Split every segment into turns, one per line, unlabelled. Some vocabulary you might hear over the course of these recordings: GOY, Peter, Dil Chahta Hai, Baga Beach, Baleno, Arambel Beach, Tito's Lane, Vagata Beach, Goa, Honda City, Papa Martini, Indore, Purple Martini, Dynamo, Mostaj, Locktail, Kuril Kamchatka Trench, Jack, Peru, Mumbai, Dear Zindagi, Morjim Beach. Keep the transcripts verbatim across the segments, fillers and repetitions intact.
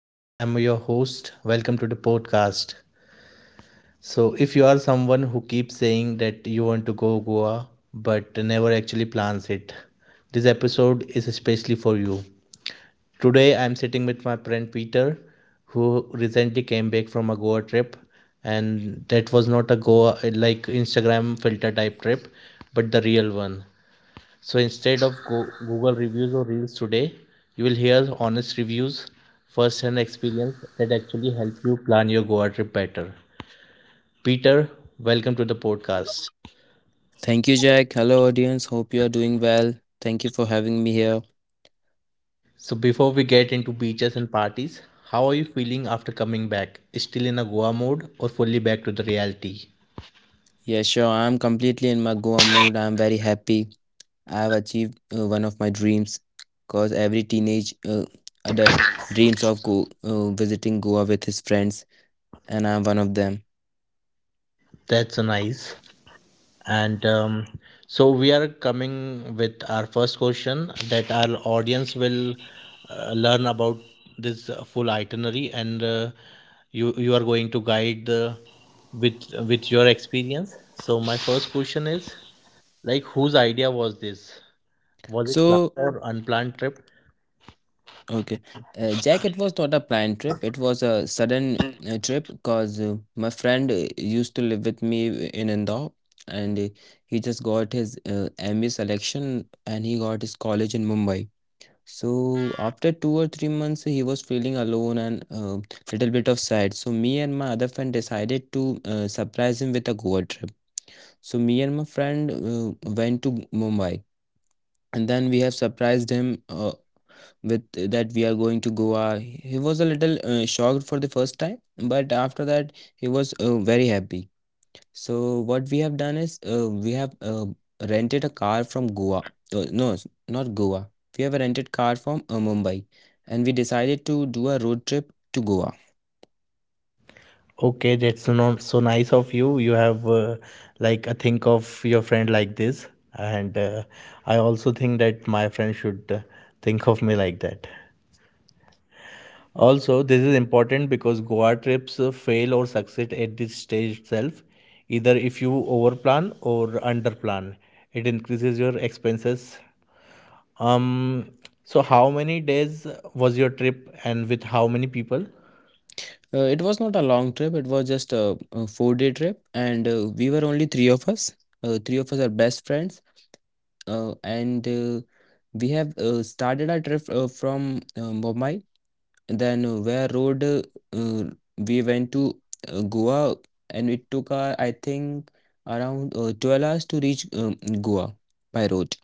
and I'm your host. Welcome to the podcast. So, if you are someone who keeps saying that you want to go Goa but never actually plans it, this episode is especially for you. Today, I'm sitting with my friend Peter, who recently came back from a Goa trip, and that was not a Goa like Instagram filter type trip, but the real one. So instead of go- Google reviews or reels today, you will hear honest reviews, first-hand experience that actually help you plan your Goa trip better. Peter, welcome to the podcast.
Thank you, Jack. Hello, audience. Hope you are doing well. Thank you for having me here.
So before we get into beaches and parties, how are you feeling after coming back? Still in a Goa mode or fully back to the reality?
Yeah, sure. I'm completely in my Goa mood. I'm very happy. I have achieved uh, one of my dreams because every teenage uh, adult dreams of go uh, visiting Goa with his friends, and I'm one of them.
That's a nice. And um, So we are coming with our first question that our audience will uh, learn about this uh, full itinerary, and uh, you you are going to guide the with with your experience. So my first question is, like, whose idea was this? Was it
So,
planned or unplanned trip?
Okay. Uh, Jack, it was not a planned trip. It was a sudden uh, trip because uh, my friend uh, used to live with me uh, in Indore and uh, he just got his uh, M B A selection, and he got his college in Mumbai. So after two or three months, he was feeling alone and, uh, little bit of sad. So me and my other friend decided to uh, surprise him with a Goa trip. So me and my friend uh, went to Mumbai, and then we have surprised him Uh, with that we are going to Goa. He was a little uh, shocked for the first time, but after that he was uh, very happy. So what we have done is uh, we have uh, rented a car from Goa. Uh, no, s- not Goa. We have a rented car from uh, Mumbai, and we decided to do a road trip to Goa.
Okay, that's not so nice of you. You have uh, like a think of your friend like this, and uh, I also think that my friend should uh, think of me like that. Also, this is important because Goa trips uh, fail or succeed at this stage itself, either if you overplan or underplan. It increases your expenses. Um, so how many days was your trip and with how many people?
Uh, it was not a long trip. It was just a, a four-day trip, and uh, we were only three of us. Uh, three of us are best friends, uh, and uh, we have uh, started our trip uh, from uh, Mumbai. Then uh, where road uh, uh, we went to uh, Goa, and it took uh, I think around uh, twelve hours to reach um, Goa by road.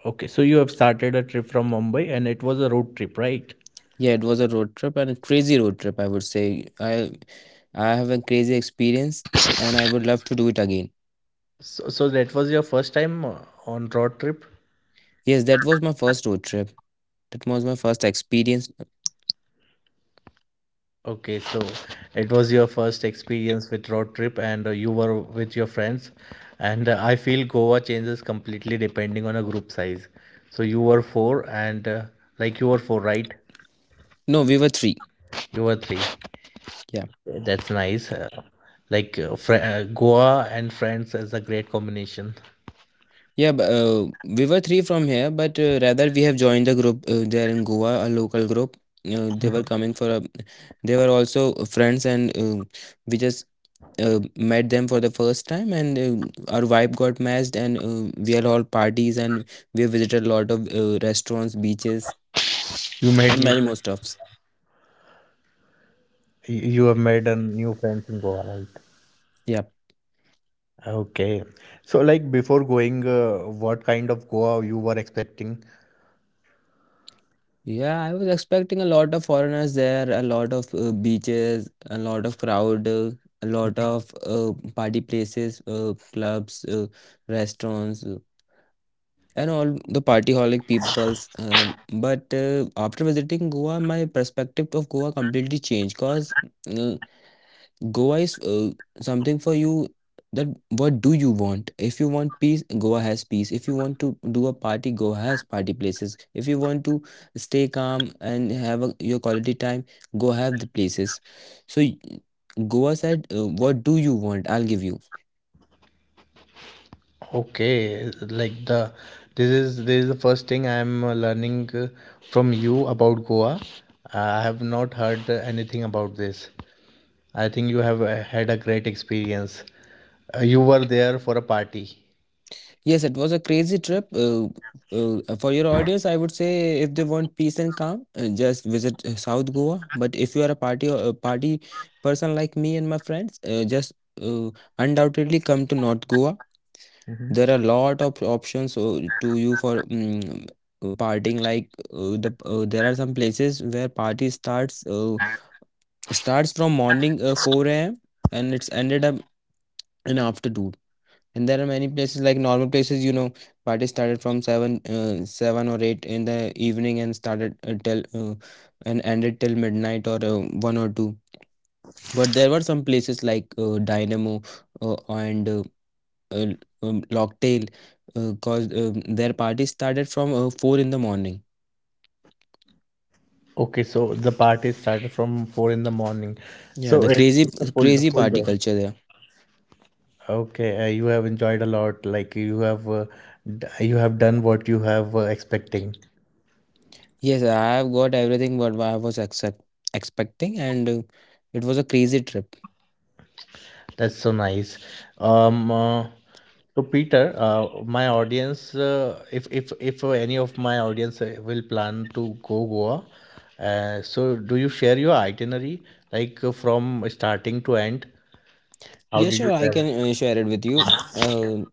Okay, so you have started a trip from Mumbai and it was a road trip, right?
Yeah, it was a road trip, and a crazy road trip I would say. I I have a crazy experience, and I would love to do it again.
So, so that was your first time uh, on road trip?
Yes, that was my first road trip. That was my first experience.
Okay, so it was your first experience with road trip, and uh, you were with your friends, and uh, I feel Goa changes completely depending on a group size. So you were four, and uh, like you were four, right?
No, we were three.
You were three.
Yeah.
That's nice. Uh, like uh, fr- uh, Goa and friends is a great combination.
Yeah, but, uh, we were three from here, but uh, rather we have joined the group uh, there in Goa, a local group. Uh, they were coming for a, they were also friends, and uh, we just uh, met them for the first time, and uh, our vibe got matched, and uh, we had all parties, and we visited a lot of uh, restaurants, beaches,
You made
and
new
many more stuffs.
you you have made a new friends in Goa, right?
Yeah.
Okay. So, like, before going, uh, what kind of Goa you were expecting?
Yeah, I was expecting a lot of foreigners there, a lot of uh, beaches, a lot of crowd, uh, a lot of uh, party places, uh, clubs, uh, restaurants, uh, and all the party holic peoples. Um but uh, after visiting Goa, my perspective of Goa completely changed, because Goa is uh, something for you. That what do you want? If you want peace, Goa has peace. If you want to do a party, Goa has party places. If you want to stay calm and have a, your quality time, go have the places. So y- Goa said, uh, what do you want? I'll give you.
Okay, like the this is this is the first thing I am uh, learning uh, from you about Goa. Uh, I have not heard anything about this. I think you have uh, had a great experience. Uh, you were there for a party.
Yes, it was a crazy trip. Uh, uh, for your audience, I would say if they want peace and calm, uh, just visit uh, South Goa. But if you are a party, or a party person like me and my friends, uh, just uh, undoubtedly come to North Goa. There are a lot of options uh, to you for mm partying. Like uh, the uh, there are some places where party starts uh, starts from morning uh, four a m and it's ended up in afternoon. And there are many places, like normal places, you know, party started from seven uh, seven or eight in the evening, and started uh, till uh, and ended till midnight or uh, one or two. But there were some places, like uh, dynamo uh, and uh, uh, um, locktail, uh, cause um, their party started from uh, four in the morning.
Okay, so the party started from four in the morning.
yeah the
So it-
crazy
it's a full
crazy
full
party
day.
culture there.
Okay, uh, you have enjoyed a lot. Like you have, uh, d- you have done what you have uh, expecting.
Yes, I have got everything what I was expect expecting, and uh, it was a crazy trip.
That's so nice. Um, uh, so Peter, uh, my audience, uh, if if if any of my audience uh, will plan to go Goa, uh, so do you share your itinerary, like, uh, from starting to end?
Yeah,
How did
sure.
you
I can
travel?
uh, share it with you. Uh,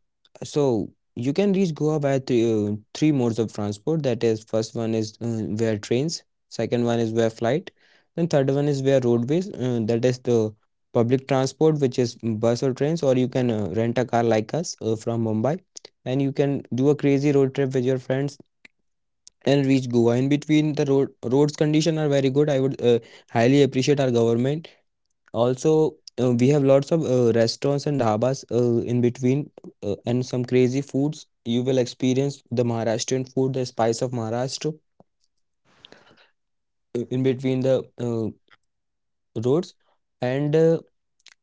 so you can reach Goa by three, uh, three modes of transport. That is, first one is uh, via trains, second one is via flight, then third one is via roadways. Uh, that is the public transport, which is bus or trains, or you can uh, rent a car like us uh, from Mumbai, and you can do a crazy road trip with your friends and reach Goa. In between, the road roads condition are very good. I would uh, highly appreciate our government. Also, uh, we have lots of uh, restaurants and dhabas uh, in between, uh, and some crazy foods. You will experience the Maharashtrian food, the spice of Maharashtra, uh, in between the uh, roads, and uh,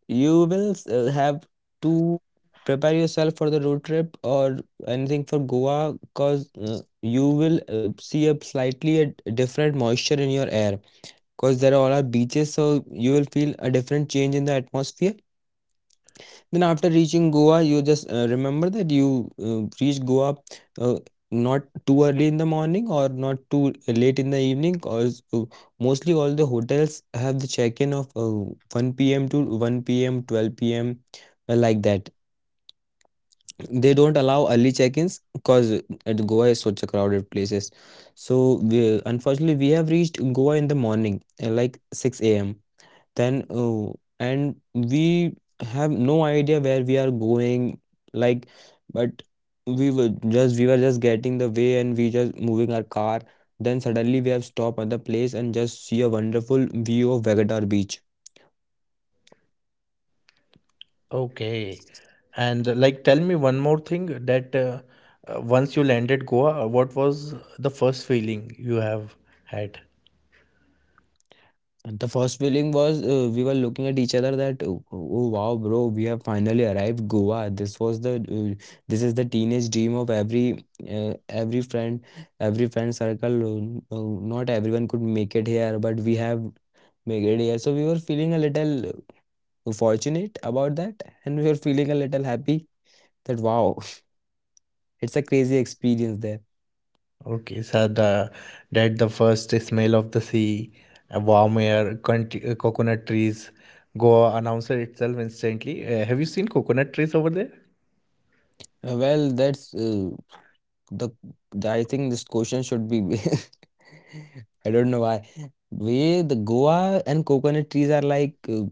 you will uh, have to prepare yourself for the road trip or anything for Goa, because uh, you will uh, see a slightly a different moisture in your air, because there all are beaches, so you will feel a different change in the atmosphere. Then after reaching Goa, you just uh, remember that you uh, reach Goa uh, not too early in the morning or not too uh, late in the evening, because uh, mostly all the hotels have the check-in of uh, one p m to one p m, twelve p m uh, like that. They don't allow early check-ins because Goa is such a crowded places. So we, unfortunately, we have reached Goa in the morning, uh, like six a m. Then, oh, and we have no idea where we are going, like, but we were just we were just getting the way and we just moving our car. Then suddenly we have stopped at the place and just see a wonderful view of Vegetar Beach.
Okay. And uh, like, tell me one more thing, that uh, uh, once you landed Goa, uh, what was the first feeling you have had?
And the first feeling was, uh, we were looking at each other that oh, oh wow bro, we have finally arrived Goa. This was the uh, this is the teenage dream of every uh, every friend every friend circle. Uh, uh, not everyone could make it here, but we have make it here. So we were feeling a little fortunate about that, and we were feeling a little happy that wow, it's a crazy experience there.
Okay, so the that the first smell of the sea, a warm air, country, uh, coconut trees. Goa announcer itself instantly. Uh, have you seen coconut trees over there?
Uh, well, that's uh, the, the I think this question should be. I don't know why. We the Goa and coconut trees are like uh,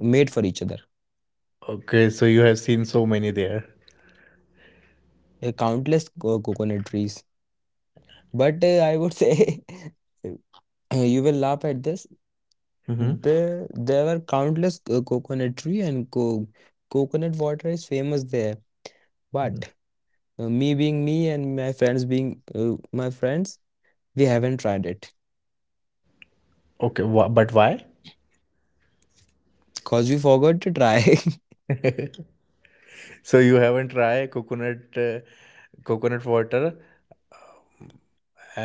made for each other.
Okay, so you have seen so many there.
There are countless co- coconut trees, but uh, I would say, Uh, you will laugh at this.
Mm-hmm.
There, there were countless co- coconut tree, and co coconut water is famous there. But uh, me being me, and my friends being uh, my friends, we haven't tried it
Okay, wha but why?
because we forgot to try.
So you haven't tried coconut uh, coconut water.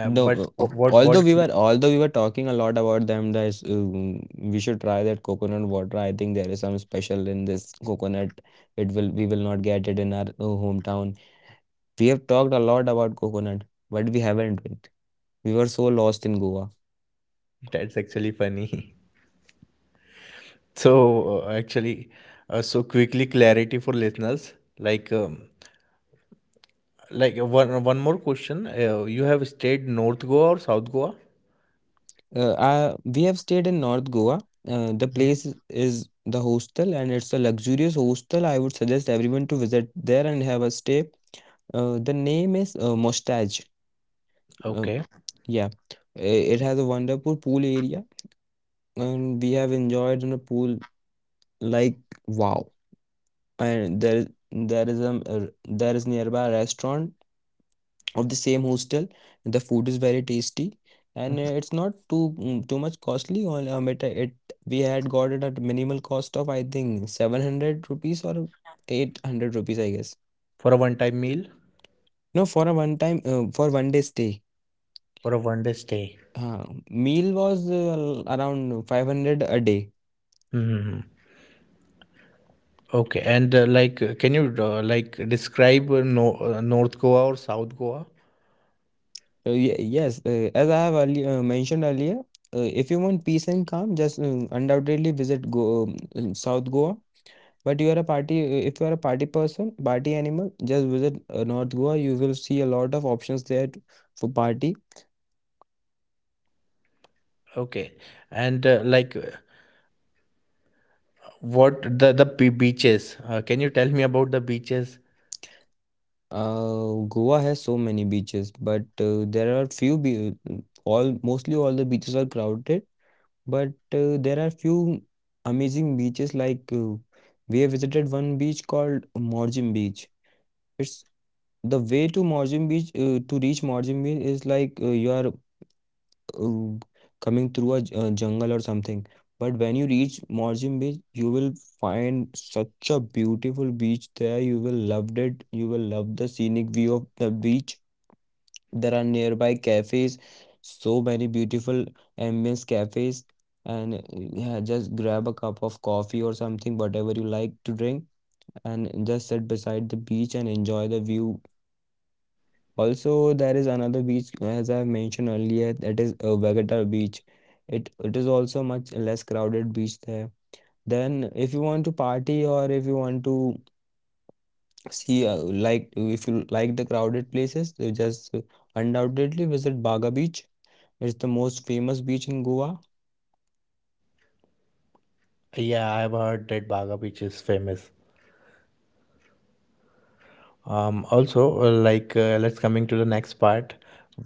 Uh, but
No, uh,
wh- what
although we
what
were
you—
although we were talking a lot about them, that um, we should try that coconut water. I think there is some special in this coconut. It will We will not get it in our uh, hometown. We have talked a lot about coconut, but we haven't. We were so lost in Goa.
that's actually funny. So uh, actually, uh, so quickly clarity for listeners. Like um, like uh, one one more question. Uh, you have stayed North Goa or South Goa?
Uh, I, we have stayed in North Goa. Uh, the place is is the hostel, and it's a luxurious hostel. I would suggest everyone to visit there and have a stay. Uh, the name is uh, Mostaj. Uh,
Okay.
yeah, I- it has a wonderful pool area, and we have enjoyed in a pool like wow. And there is there is a, a there is nearby restaurant of the same hostel. The food is very tasty, and uh,
Mhm.
it's not too mm, too much costly. On um, it, it We had got it at minimal cost of I think seven hundred rupees or eight hundred rupees I guess.
For a one-time meal
No, for a one time uh, for one day stay.
or a one-day stay?
Uh, Meal was uh, around five hundred a day.
Hmm. Okay. And uh, like, uh, can you uh, like describe uh, no, uh, North Goa or South Goa?
So ye- yes, uh, as I have earlier, uh, mentioned earlier, uh, if you want peace and calm, just uh, undoubtedly visit Go um, South Goa. But you are a party, uh, if you are a party person, party animal, just visit uh, North Goa. You will see a lot of options there t- for party.
Okay. And uh, like, uh, what the the be- beaches? Uh, can you tell me about the beaches?
Uh, Goa has so many beaches, but uh, there are few be uh, all mostly all the beaches are crowded, but uh, there are few amazing beaches, like uh, we have visited one beach called Morjim Beach. It's The way to Morjim Beach, uh, to reach Morjim Beach is like, uh, you are um, coming through a j- uh, jungle or something. But when you reach Morjim Beach, you will find such a beautiful beach there. You will love it. You will love the scenic view of the beach. There are nearby cafes, so many beautiful ambience cafes. And uh, yeah, just grab a cup of coffee or something, whatever you like to drink, and just sit beside the beach and enjoy the view. Also, there is another beach, as I mentioned earlier, that is uh, Vagata Beach. It it is also much less crowded beach there. Then, if you want to party or if you want to see uh, like if you like the crowded places, you just undoubtedly visit Baga Beach. It's the most famous beach in Goa.
Yeah, I've heard that Baga Beach is famous. Um, also, uh, like, uh, let's coming to the next part,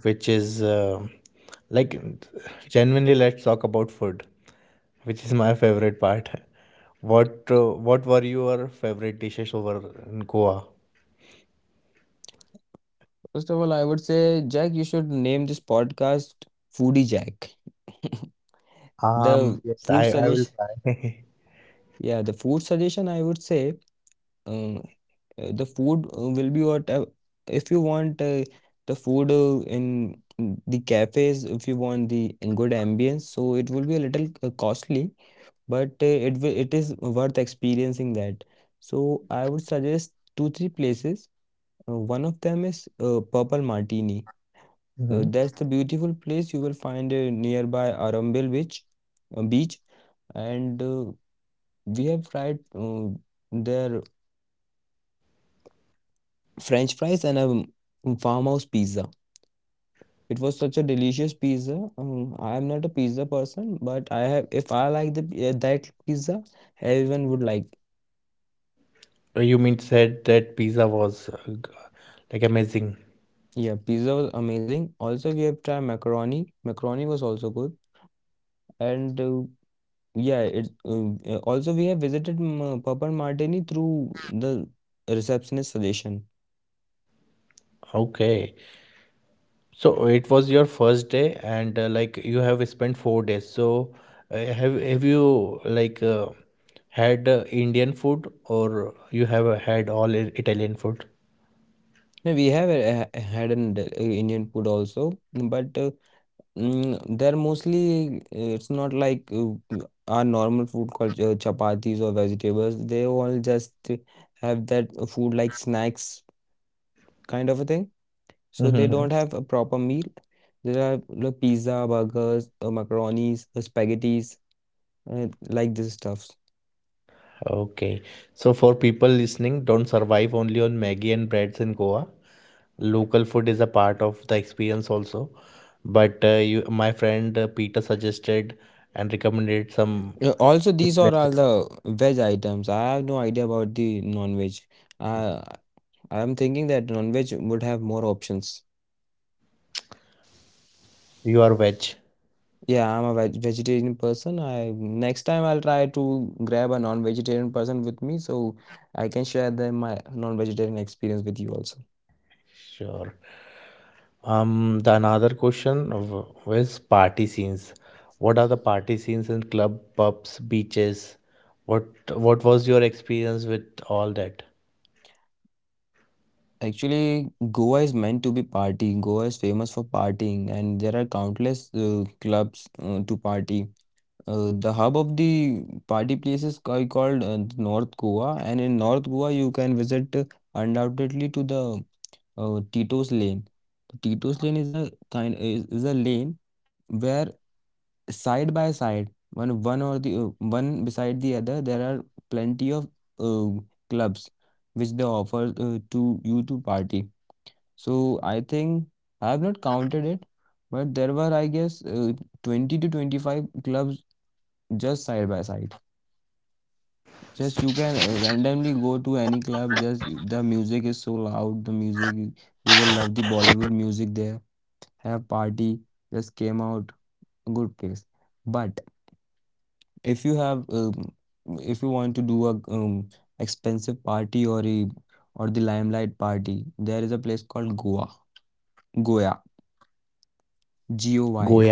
which is uh, like genuinely let's talk about food, which is my favorite part. What uh, what were your favorite dishes over in Goa?
First of all, I would say, Jack, you should name this podcast Foodie Jack. The
Um, yes,
food
I, I will
suggestion,
try.
yeah, the food suggestion I would say. Uh, uh, the food uh, will be what uh, if you want uh, the food uh, in in the cafes, if you want the good ambience, so it will be a little uh, costly, but uh, it wi- it is worth experiencing that. So I would suggest two three places. Uh, one of them is uh, Purple Martini. Uh,
Mhm.
that's the beautiful place you will find uh, nearby Arambel beach uh, beach And uh, we have tried uh, their French fries and a um, farmhouse pizza. It was such a delicious pizza. Um, I'm not a pizza person, but I have, if I like the uh, that pizza, everyone would like.
You mean said that pizza was uh, g- like amazing.
Yeah, pizza was amazing. Also, we have tried macaroni. Macaroni was also good, and uh, yeah, it. Um, Uh, also, we have visited um, uh, Papa Martini through the receptionist suggestion.
Okay. So it was your first day, and uh, like you have spent four days. So uh, have have you like uh, had uh, Indian food, or you have uh, had all I- Italian food?
Yeah, we have uh, ha- had an uh, Indian food also, but. Uh, Mm, they're mostly, it's not like uh, our normal food called uh, chapatis or vegetables. They all just have that food like snacks kind of a thing. So they don't
Mhm.
have a proper meal. There are the pizza, burgers, uh, macaronis, uh, spaghettis, uh, like this stuffs.
Okay. So for people listening, don't survive only on Maggie and breads in Goa. Local food is a part of the experience also. But uh, you, my friend uh, Peter suggested and recommended some
Uh, Also, these are all
places.
the veg items. I have no idea about the non-veg. Uh, I'm thinking that non-veg would have more options.
You are veg.
Yeah, I'm a veg vegetarian person. I next time I'll try to grab a non-vegetarian person with me so I can share them my non-vegetarian experience with you also.
Sure. Um, the another question w- was party scenes. What are the party scenes in club, pubs, beaches? What What was your experience with all that?
Actually, Goa is meant to be partying. Goa is famous for partying, and there are countless uh, clubs uh, to party. Uh, the hub of the party place is ca- called uh, North Goa, and in North Goa you can visit uh, undoubtedly to the uh, Tito's Lane. Tito's Lane is a kind is, is a lane where side by side one one or the uh, one beside the other, there are plenty of uh, clubs which they offer uh, to you to party. So I think I have not counted it, but there were I guess uh, twenty to twenty-five clubs just side by side. Just you can uh, randomly go to any club. Just you- the music is so loud, the music, you will love the bollywood music there. Have party, just came out, good place. But if you have, um, if you want to do a um, expensive party or a or the limelight party, there is a place called Goa, Goa, G O
Goa.
Y.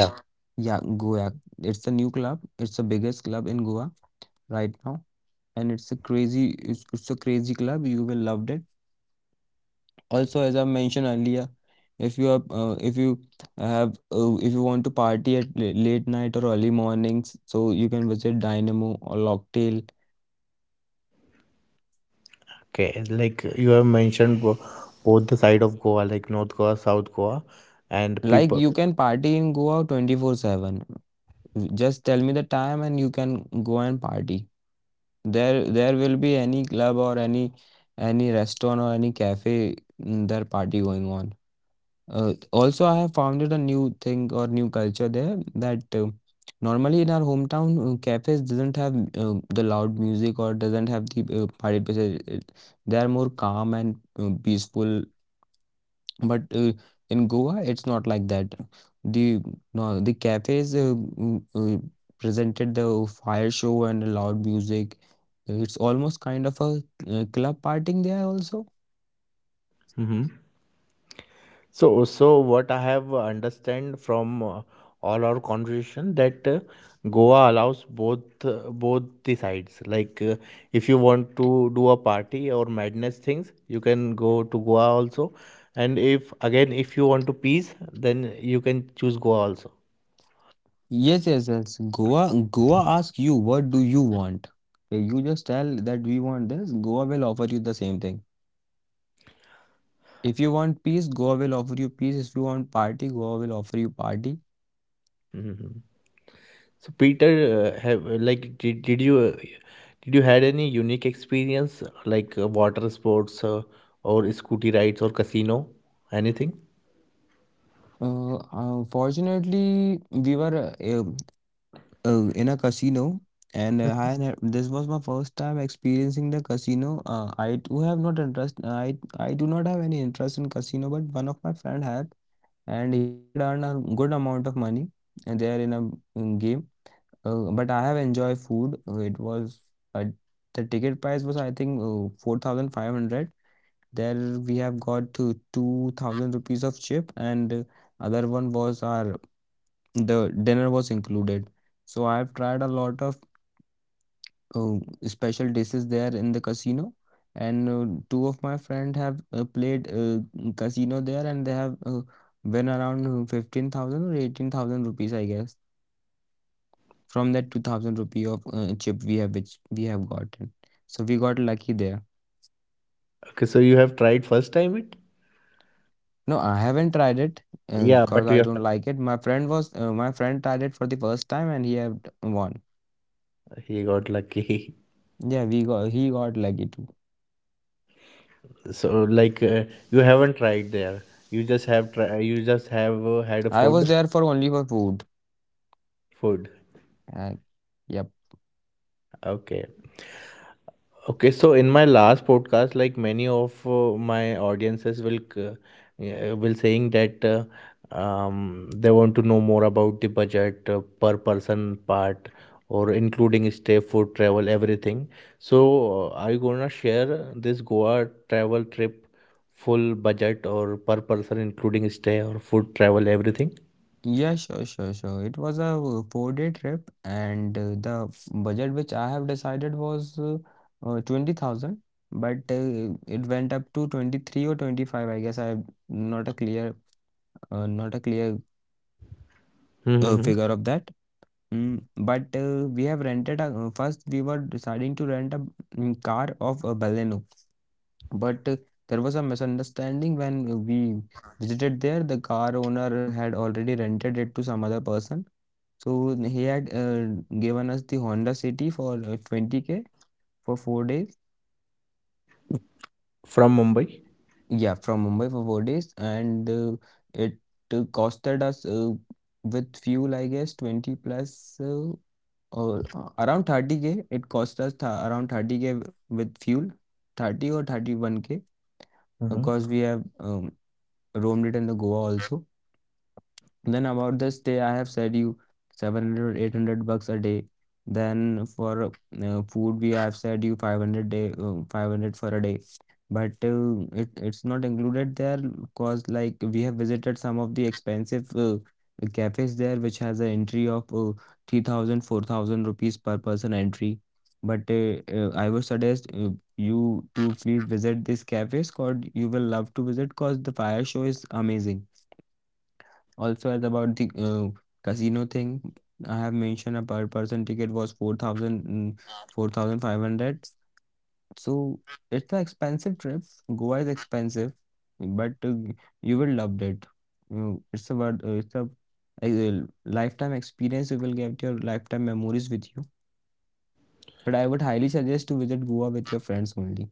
Yeah, Goa. It's a new club. It's the biggest club in Goa right now, and it's a crazy, it's, it's a crazy club. You will love it. Also, as I mentioned earlier, if you are, uh, if you have, uh, if you want to party at la- late night or early mornings, so you can visit Dynamo or Locktail.
Okay, like you have mentioned bo- both the side of Goa, like North Goa, South Goa, and
Like
people.
you can party and go out twenty-four seven. Just tell me the time and you can go and party. There there will be any club or any any restaurant or any cafe, mm, there party going on. Uh, Also, I have founded a new thing or new culture there, that uh, normally in our hometown uh, cafes doesn't have uh, the loud music or doesn't have the uh, party places. It- They are more calm and uh, peaceful, but uh, in Goa, it's not like that. The no, the cafes uh, mm, uh, presented the fire show and loud music. It's almost kind of a uh, club partying there also.
Mm-hmm. So, so what I have understand from uh, all our conversation, that uh, Goa allows both uh, both the sides. Like uh, if you want to do a party or madness things, you can go to Goa also. And if again if you want to peace, then you can choose Goa also.
Yes, yes, yes. Goa, Goa ask you, what do you want? Uh, You just tell that we want this, Goa will offer you the same thing. If you want peace, Goa will offer you peace. If you want party, Goa will offer you party.
So Peter, uh, have like did, did you uh, did you had any unique experience like uh, water sports uh, or scooty rides or casino anything?
Uh, unfortunately, we were uh, uh, in a casino, and uh, I had, this was my first time experiencing the casino. uh, I do have not interest, I I do not have any interest in casino, but one of my friend had, and he had earned a good amount of money, and there in a mm, game. Uh, but I have enjoyed food. Uh, it was uh, the ticket price was I think uh, four thousand five hundred there. We have got to two thousand rupees of chip, and uh, other one was, our the dinner was included. So I've tried a lot of uh, special dishes there in the casino. And uh, two of my friend have uh, played uh, casino there, and they have uh, win around uh, fifteen thousand or eighteen thousand rupees I guess, from that two thousand rupee of uh, chip we have which we have gotten. So we got lucky there.
Okay, so you have tried first time it?
No, I haven't tried it. Uh,
Yeah,
cause
but
I
you have
don't like it. My friend was uh, my friend tried it for the first time and he have won.
he got lucky.
Yeah, we got, he got lucky too.
So like uh, you haven't tried there. You just have try. You just have uh, had a
I was
food.
there for only for food.
Food.
uh, yep.
Okay. Okay, so in my last podcast, like many of uh, my audiences will c- uh, yeah, will saying that uh, um, they want to know more about the budget uh, per person part, or including stay, food, travel, everything. So, uh, are you gonna share this Goa travel trip full budget or per person including stay or food, travel, everything?
Yeah, sure, sure, sure. It was a uh, four-day trip, and uh, the f- budget which I have decided was uh, uh, twenty thousand, but uh, it went up to twenty-three or twenty-five. I guess I'm not a clear, uh, not a clear uh,
Mm-hmm.
figure of that. Mm, but uh, we have rented a, uh, first we were deciding to rent a mm, car of uh, Baleno, but uh, there was a misunderstanding when we visited there. The car owner had already rented it to some other person. So he had uh, given us the Honda City for uh, twenty k for four days.
From Mumbai.
Yeah, from Mumbai for four days, and uh, it uh, costed us uh, with fuel, I guess, twenty plus uh, or uh, around thirty k. It cost us th around 30k k with fuel, thirty or thirty-one k,
Mm-hmm.
because we have um, roamed it in the Goa also. Then about the stay, I have said you seven hundred, eight hundred bucks a day. Then for uh, food, we have said you five hundred day, uh, five hundred for a day. But uh, it it's not included there, because like we have visited some of the expensive uh, cafes there, which has an entry of uh, three thousand rupees per person entry. But uh, uh, I would suggest uh, you to please visit this cafes, because you will love to visit, because the fire show is amazing. Also, as about the uh, casino thing, I have mentioned a per person ticket was four thousand, mm, four thousand five hundred. So it's an expensive trip. Goa is expensive, but uh, you will love it. You- It's about uh, it's a, a lifetime experience. You will get your lifetime memories with you. But I would highly suggest to visit Goa with your friends only,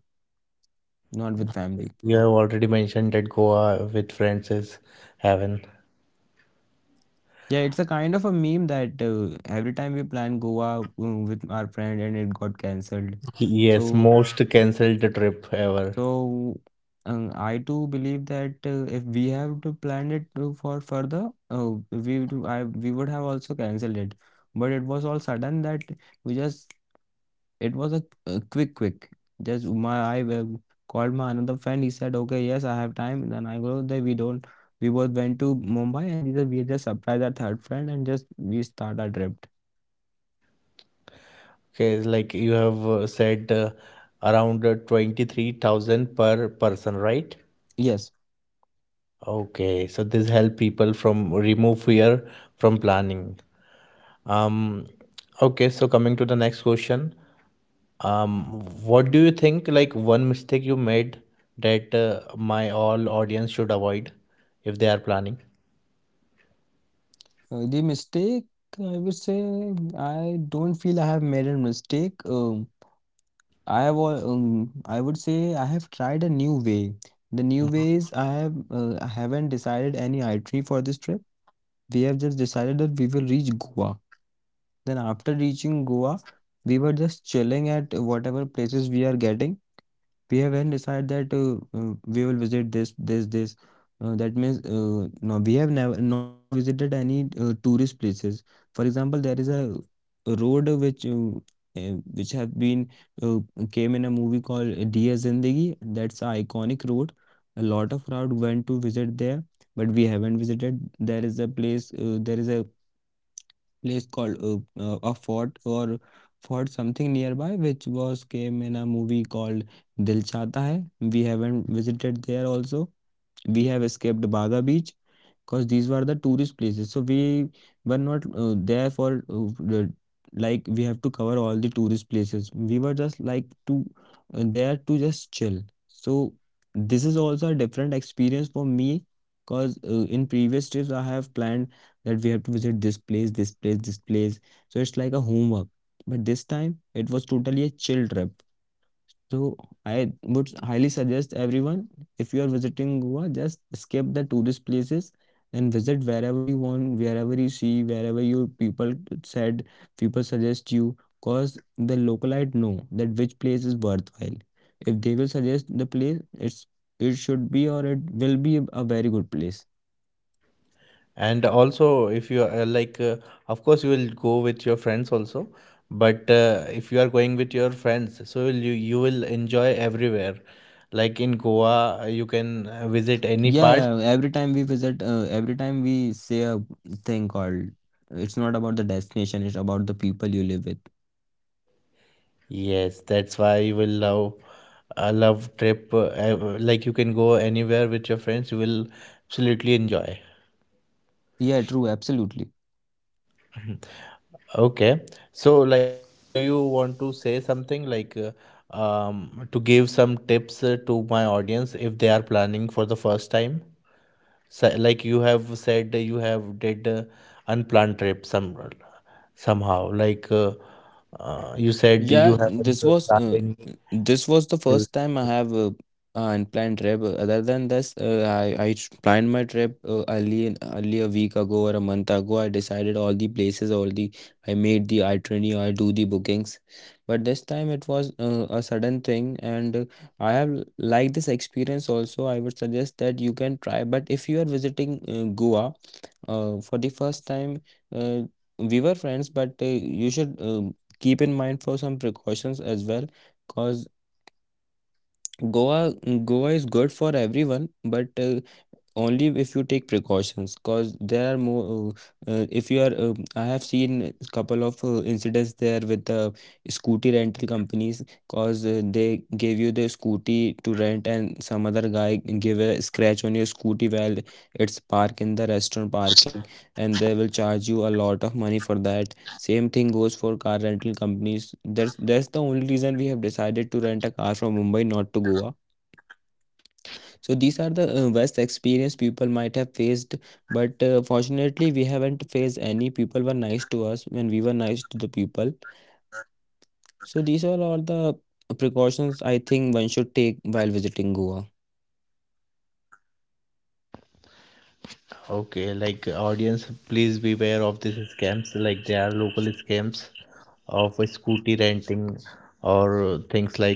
not with family.
You have already mentioned that Goa with friends is heaven.
Yeah, it's a kind of a meme that uh, every time we plan Goa uh, with our friend and it got cancelled.
Yes,
So,
most cancelled trip ever.
so um, I too believe that uh, if we have to plan it to- for further, uh, we would- I we would have also cancelled it. But it was all sudden that we just it was a, a quick quick. Just my I uh, Called my another friend. He said, "Okay, yes, I have time." Then I go there. We don't. We both went to Mumbai and we just, we just surprised our third friend and just we start our trip.
Okay, it's like you have uh, said uh, around uh, twenty-three thousand per person, right?
Yes.
Okay, so this help people from remove fear from planning. Um, okay, so coming to the next question, what do you think like one mistake you made that uh, my all audience should avoid if they are planning?
Uh, the mistake, I would say, I don't feel I have made a mistake. Um, I have, al- um, I would say, I have tried a new way. The new ways I have, uh, I haven't decided any itinerary for this trip. We have just decided that we will reach Goa. Then after reaching Goa, we were just chilling at whatever places we are getting. We have then decided that uh, uh, we will visit this, this, this. Uh, that means uh, no, we have never not visited any uh, tourist places. For example, there is a road which uh, uh, which have been uh, came in a movie called Dear Zindagi. That's an iconic road. A lot of crowd went to visit there, but we haven't visited. There is a place. Uh, there is a place called uh, uh, a fort or fort something nearby which was came in a movie called Dil Chahta Hai. We haven't visited there also. We have escaped Baga Beach because these were the tourist places, so we were not uh, there for uh, the- like we have to cover all the tourist places. We were just like to uh, there to just chill. So this is also a different experience for me because uh, in previous trips I have planned that we have to visit this place, this place, this place, so it's like a homework. But this time it was totally a chill trip. So I would highly suggest everyone, if you are visiting Goa, just skip the tourist places and visit wherever you want, wherever you see, wherever you people said, people suggest you, cause the localite know that which place is worthwhile. If they will suggest the place, it's it should be or it will be a very good place.
And also, if you are uh, like, uh, of course, you will go with your friends also. But uh, if you are going with your friends, so you you will enjoy everywhere. Like in Goa, uh, you can uh, visit any
Yeah,
part.
yeah. Every time we visit, uh, every time we say a thing called, it's not about the destination, it's about the people you live with.
Yes, that's why you will love a love trip. Uh, uh, like you can go anywhere with your friends. You will absolutely enjoy.
Yeah, true, absolutely.
Okay. So, like, uh, do you want to say something like uh, um, to give some tips uh, to my audience if they are planning for the first time? So, like you have said, uh, you have did uh, unplanned trip some somehow. Like uh, uh, you said,
Yeah,
you
this
haven't uh,
was uh,
planned any.
this was the first time I have uh, an planned trip. Uh, Other than this, uh, I I sh- planned my trip uh, early in- early a week ago or a month ago. I decided all the places, all the I made the itinerary, I do the bookings. But this time it was uh, a sudden thing, and uh, I have l- liked this experience also. I would suggest that you can try. But if you are visiting uh, Goa uh, for the first time, uh, we were friends, but uh, you should. Uh, keep in mind for some precautions as well, because Goa Goa is good for everyone, but uh, only if you take precautions, because there are more uh, uh, if you are um I have seen a couple of uh, incidents there with the scooty rental companies, because uh, they gave you the scooty to rent and some other guy give a scratch on your scooty while it's parked in the restaurant parking, and they will charge you a lot of money for that. Same thing goes for car rental companies. That's that's the only reason we have decided to rent a car from Mumbai, not to Goa. So these are the uh, worst experience people might have faced, but uh, fortunately we haven't faced any. People were nice to us when we were nice to the people. So these are all the precautions I think one should take while visiting Goa.
Okay, like uh, audience, please beware of these scams. Like there are local scams of uh, scooty renting or uh, things like uh, Peter mentioned.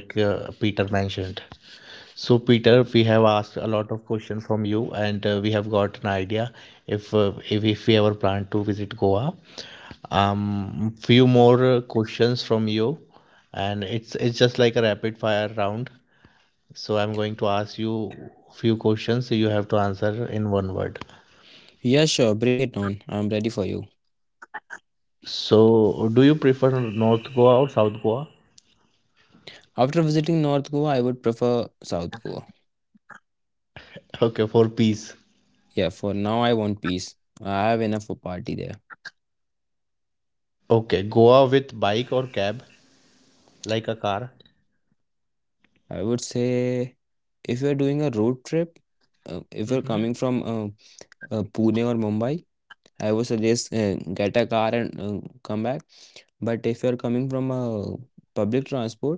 So, Peter, we have asked a lot of questions from you, and uh, we have got an idea if uh, if, if we ever plan to visit Goa. Um, few more uh, questions from you, and it's it's just like a rapid fire round. So, I'm going to ask you few questions. You have to answer in one word.
Yeah, sure, bring it on. I'm ready for you.
So, do you prefer North Goa or South Goa?
After visiting North Goa, I would prefer South Goa.
Okay, for peace.
Yeah, for now I want peace. I have enough of party there.
Okay, Goa with bike or cab, like a car.
I would say, if you are doing a road trip, uh, if
Mm-hmm.
you're coming from uh, uh, Pune or Mumbai, I would suggest uh, get a car and uh, come back. But if you're coming from a public transport,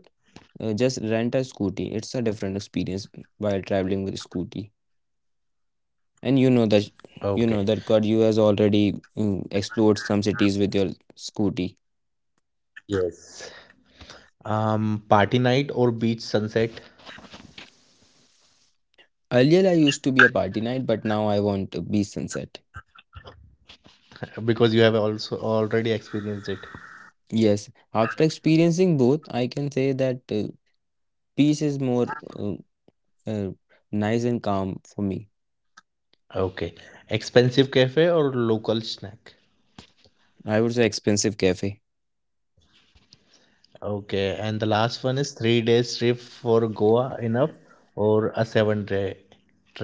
uh, just rent a scooty. It's a different experience while traveling with scooty. And
Okay.
you know that you know that God, you has already mm, explored some cities with your scooty.
Yes. Um, party night or beach sunset,
Earlier, I used to be a party night, but now I want to be sunset.
because you have also already experienced it.
Yes, after experiencing both, I can say that uh, peace is more uh, uh, nice and calm for me.
Okay. Expensive cafe or local snack?
I would say expensive cafe.
Okay. And the last one is three days trip for Goa enough, or a seven day trip?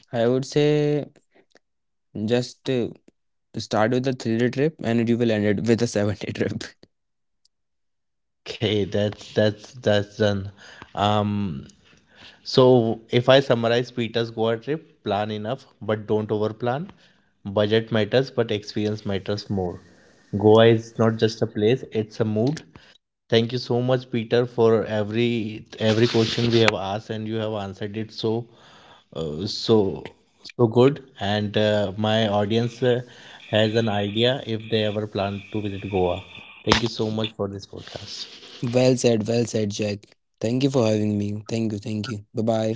I would say just uh, start with a three-day trip and you will end it with a seven-day trip.
Okay, that's that's that's done. Um, So, if I summarize Peter's Goa trip, plan enough, but don't overplan. Budget matters, but experience matters more. Goa is not just a place, it's a mood. Thank you so much, Peter, for every every question we have asked, and you have answered it so uh, so so good. And uh, my audience uh, has an idea if they ever plan to visit Goa. Thank you so much for this podcast.
Well said, well said, Jack. Thank you for having me. Thank you, thank you. Bye-bye.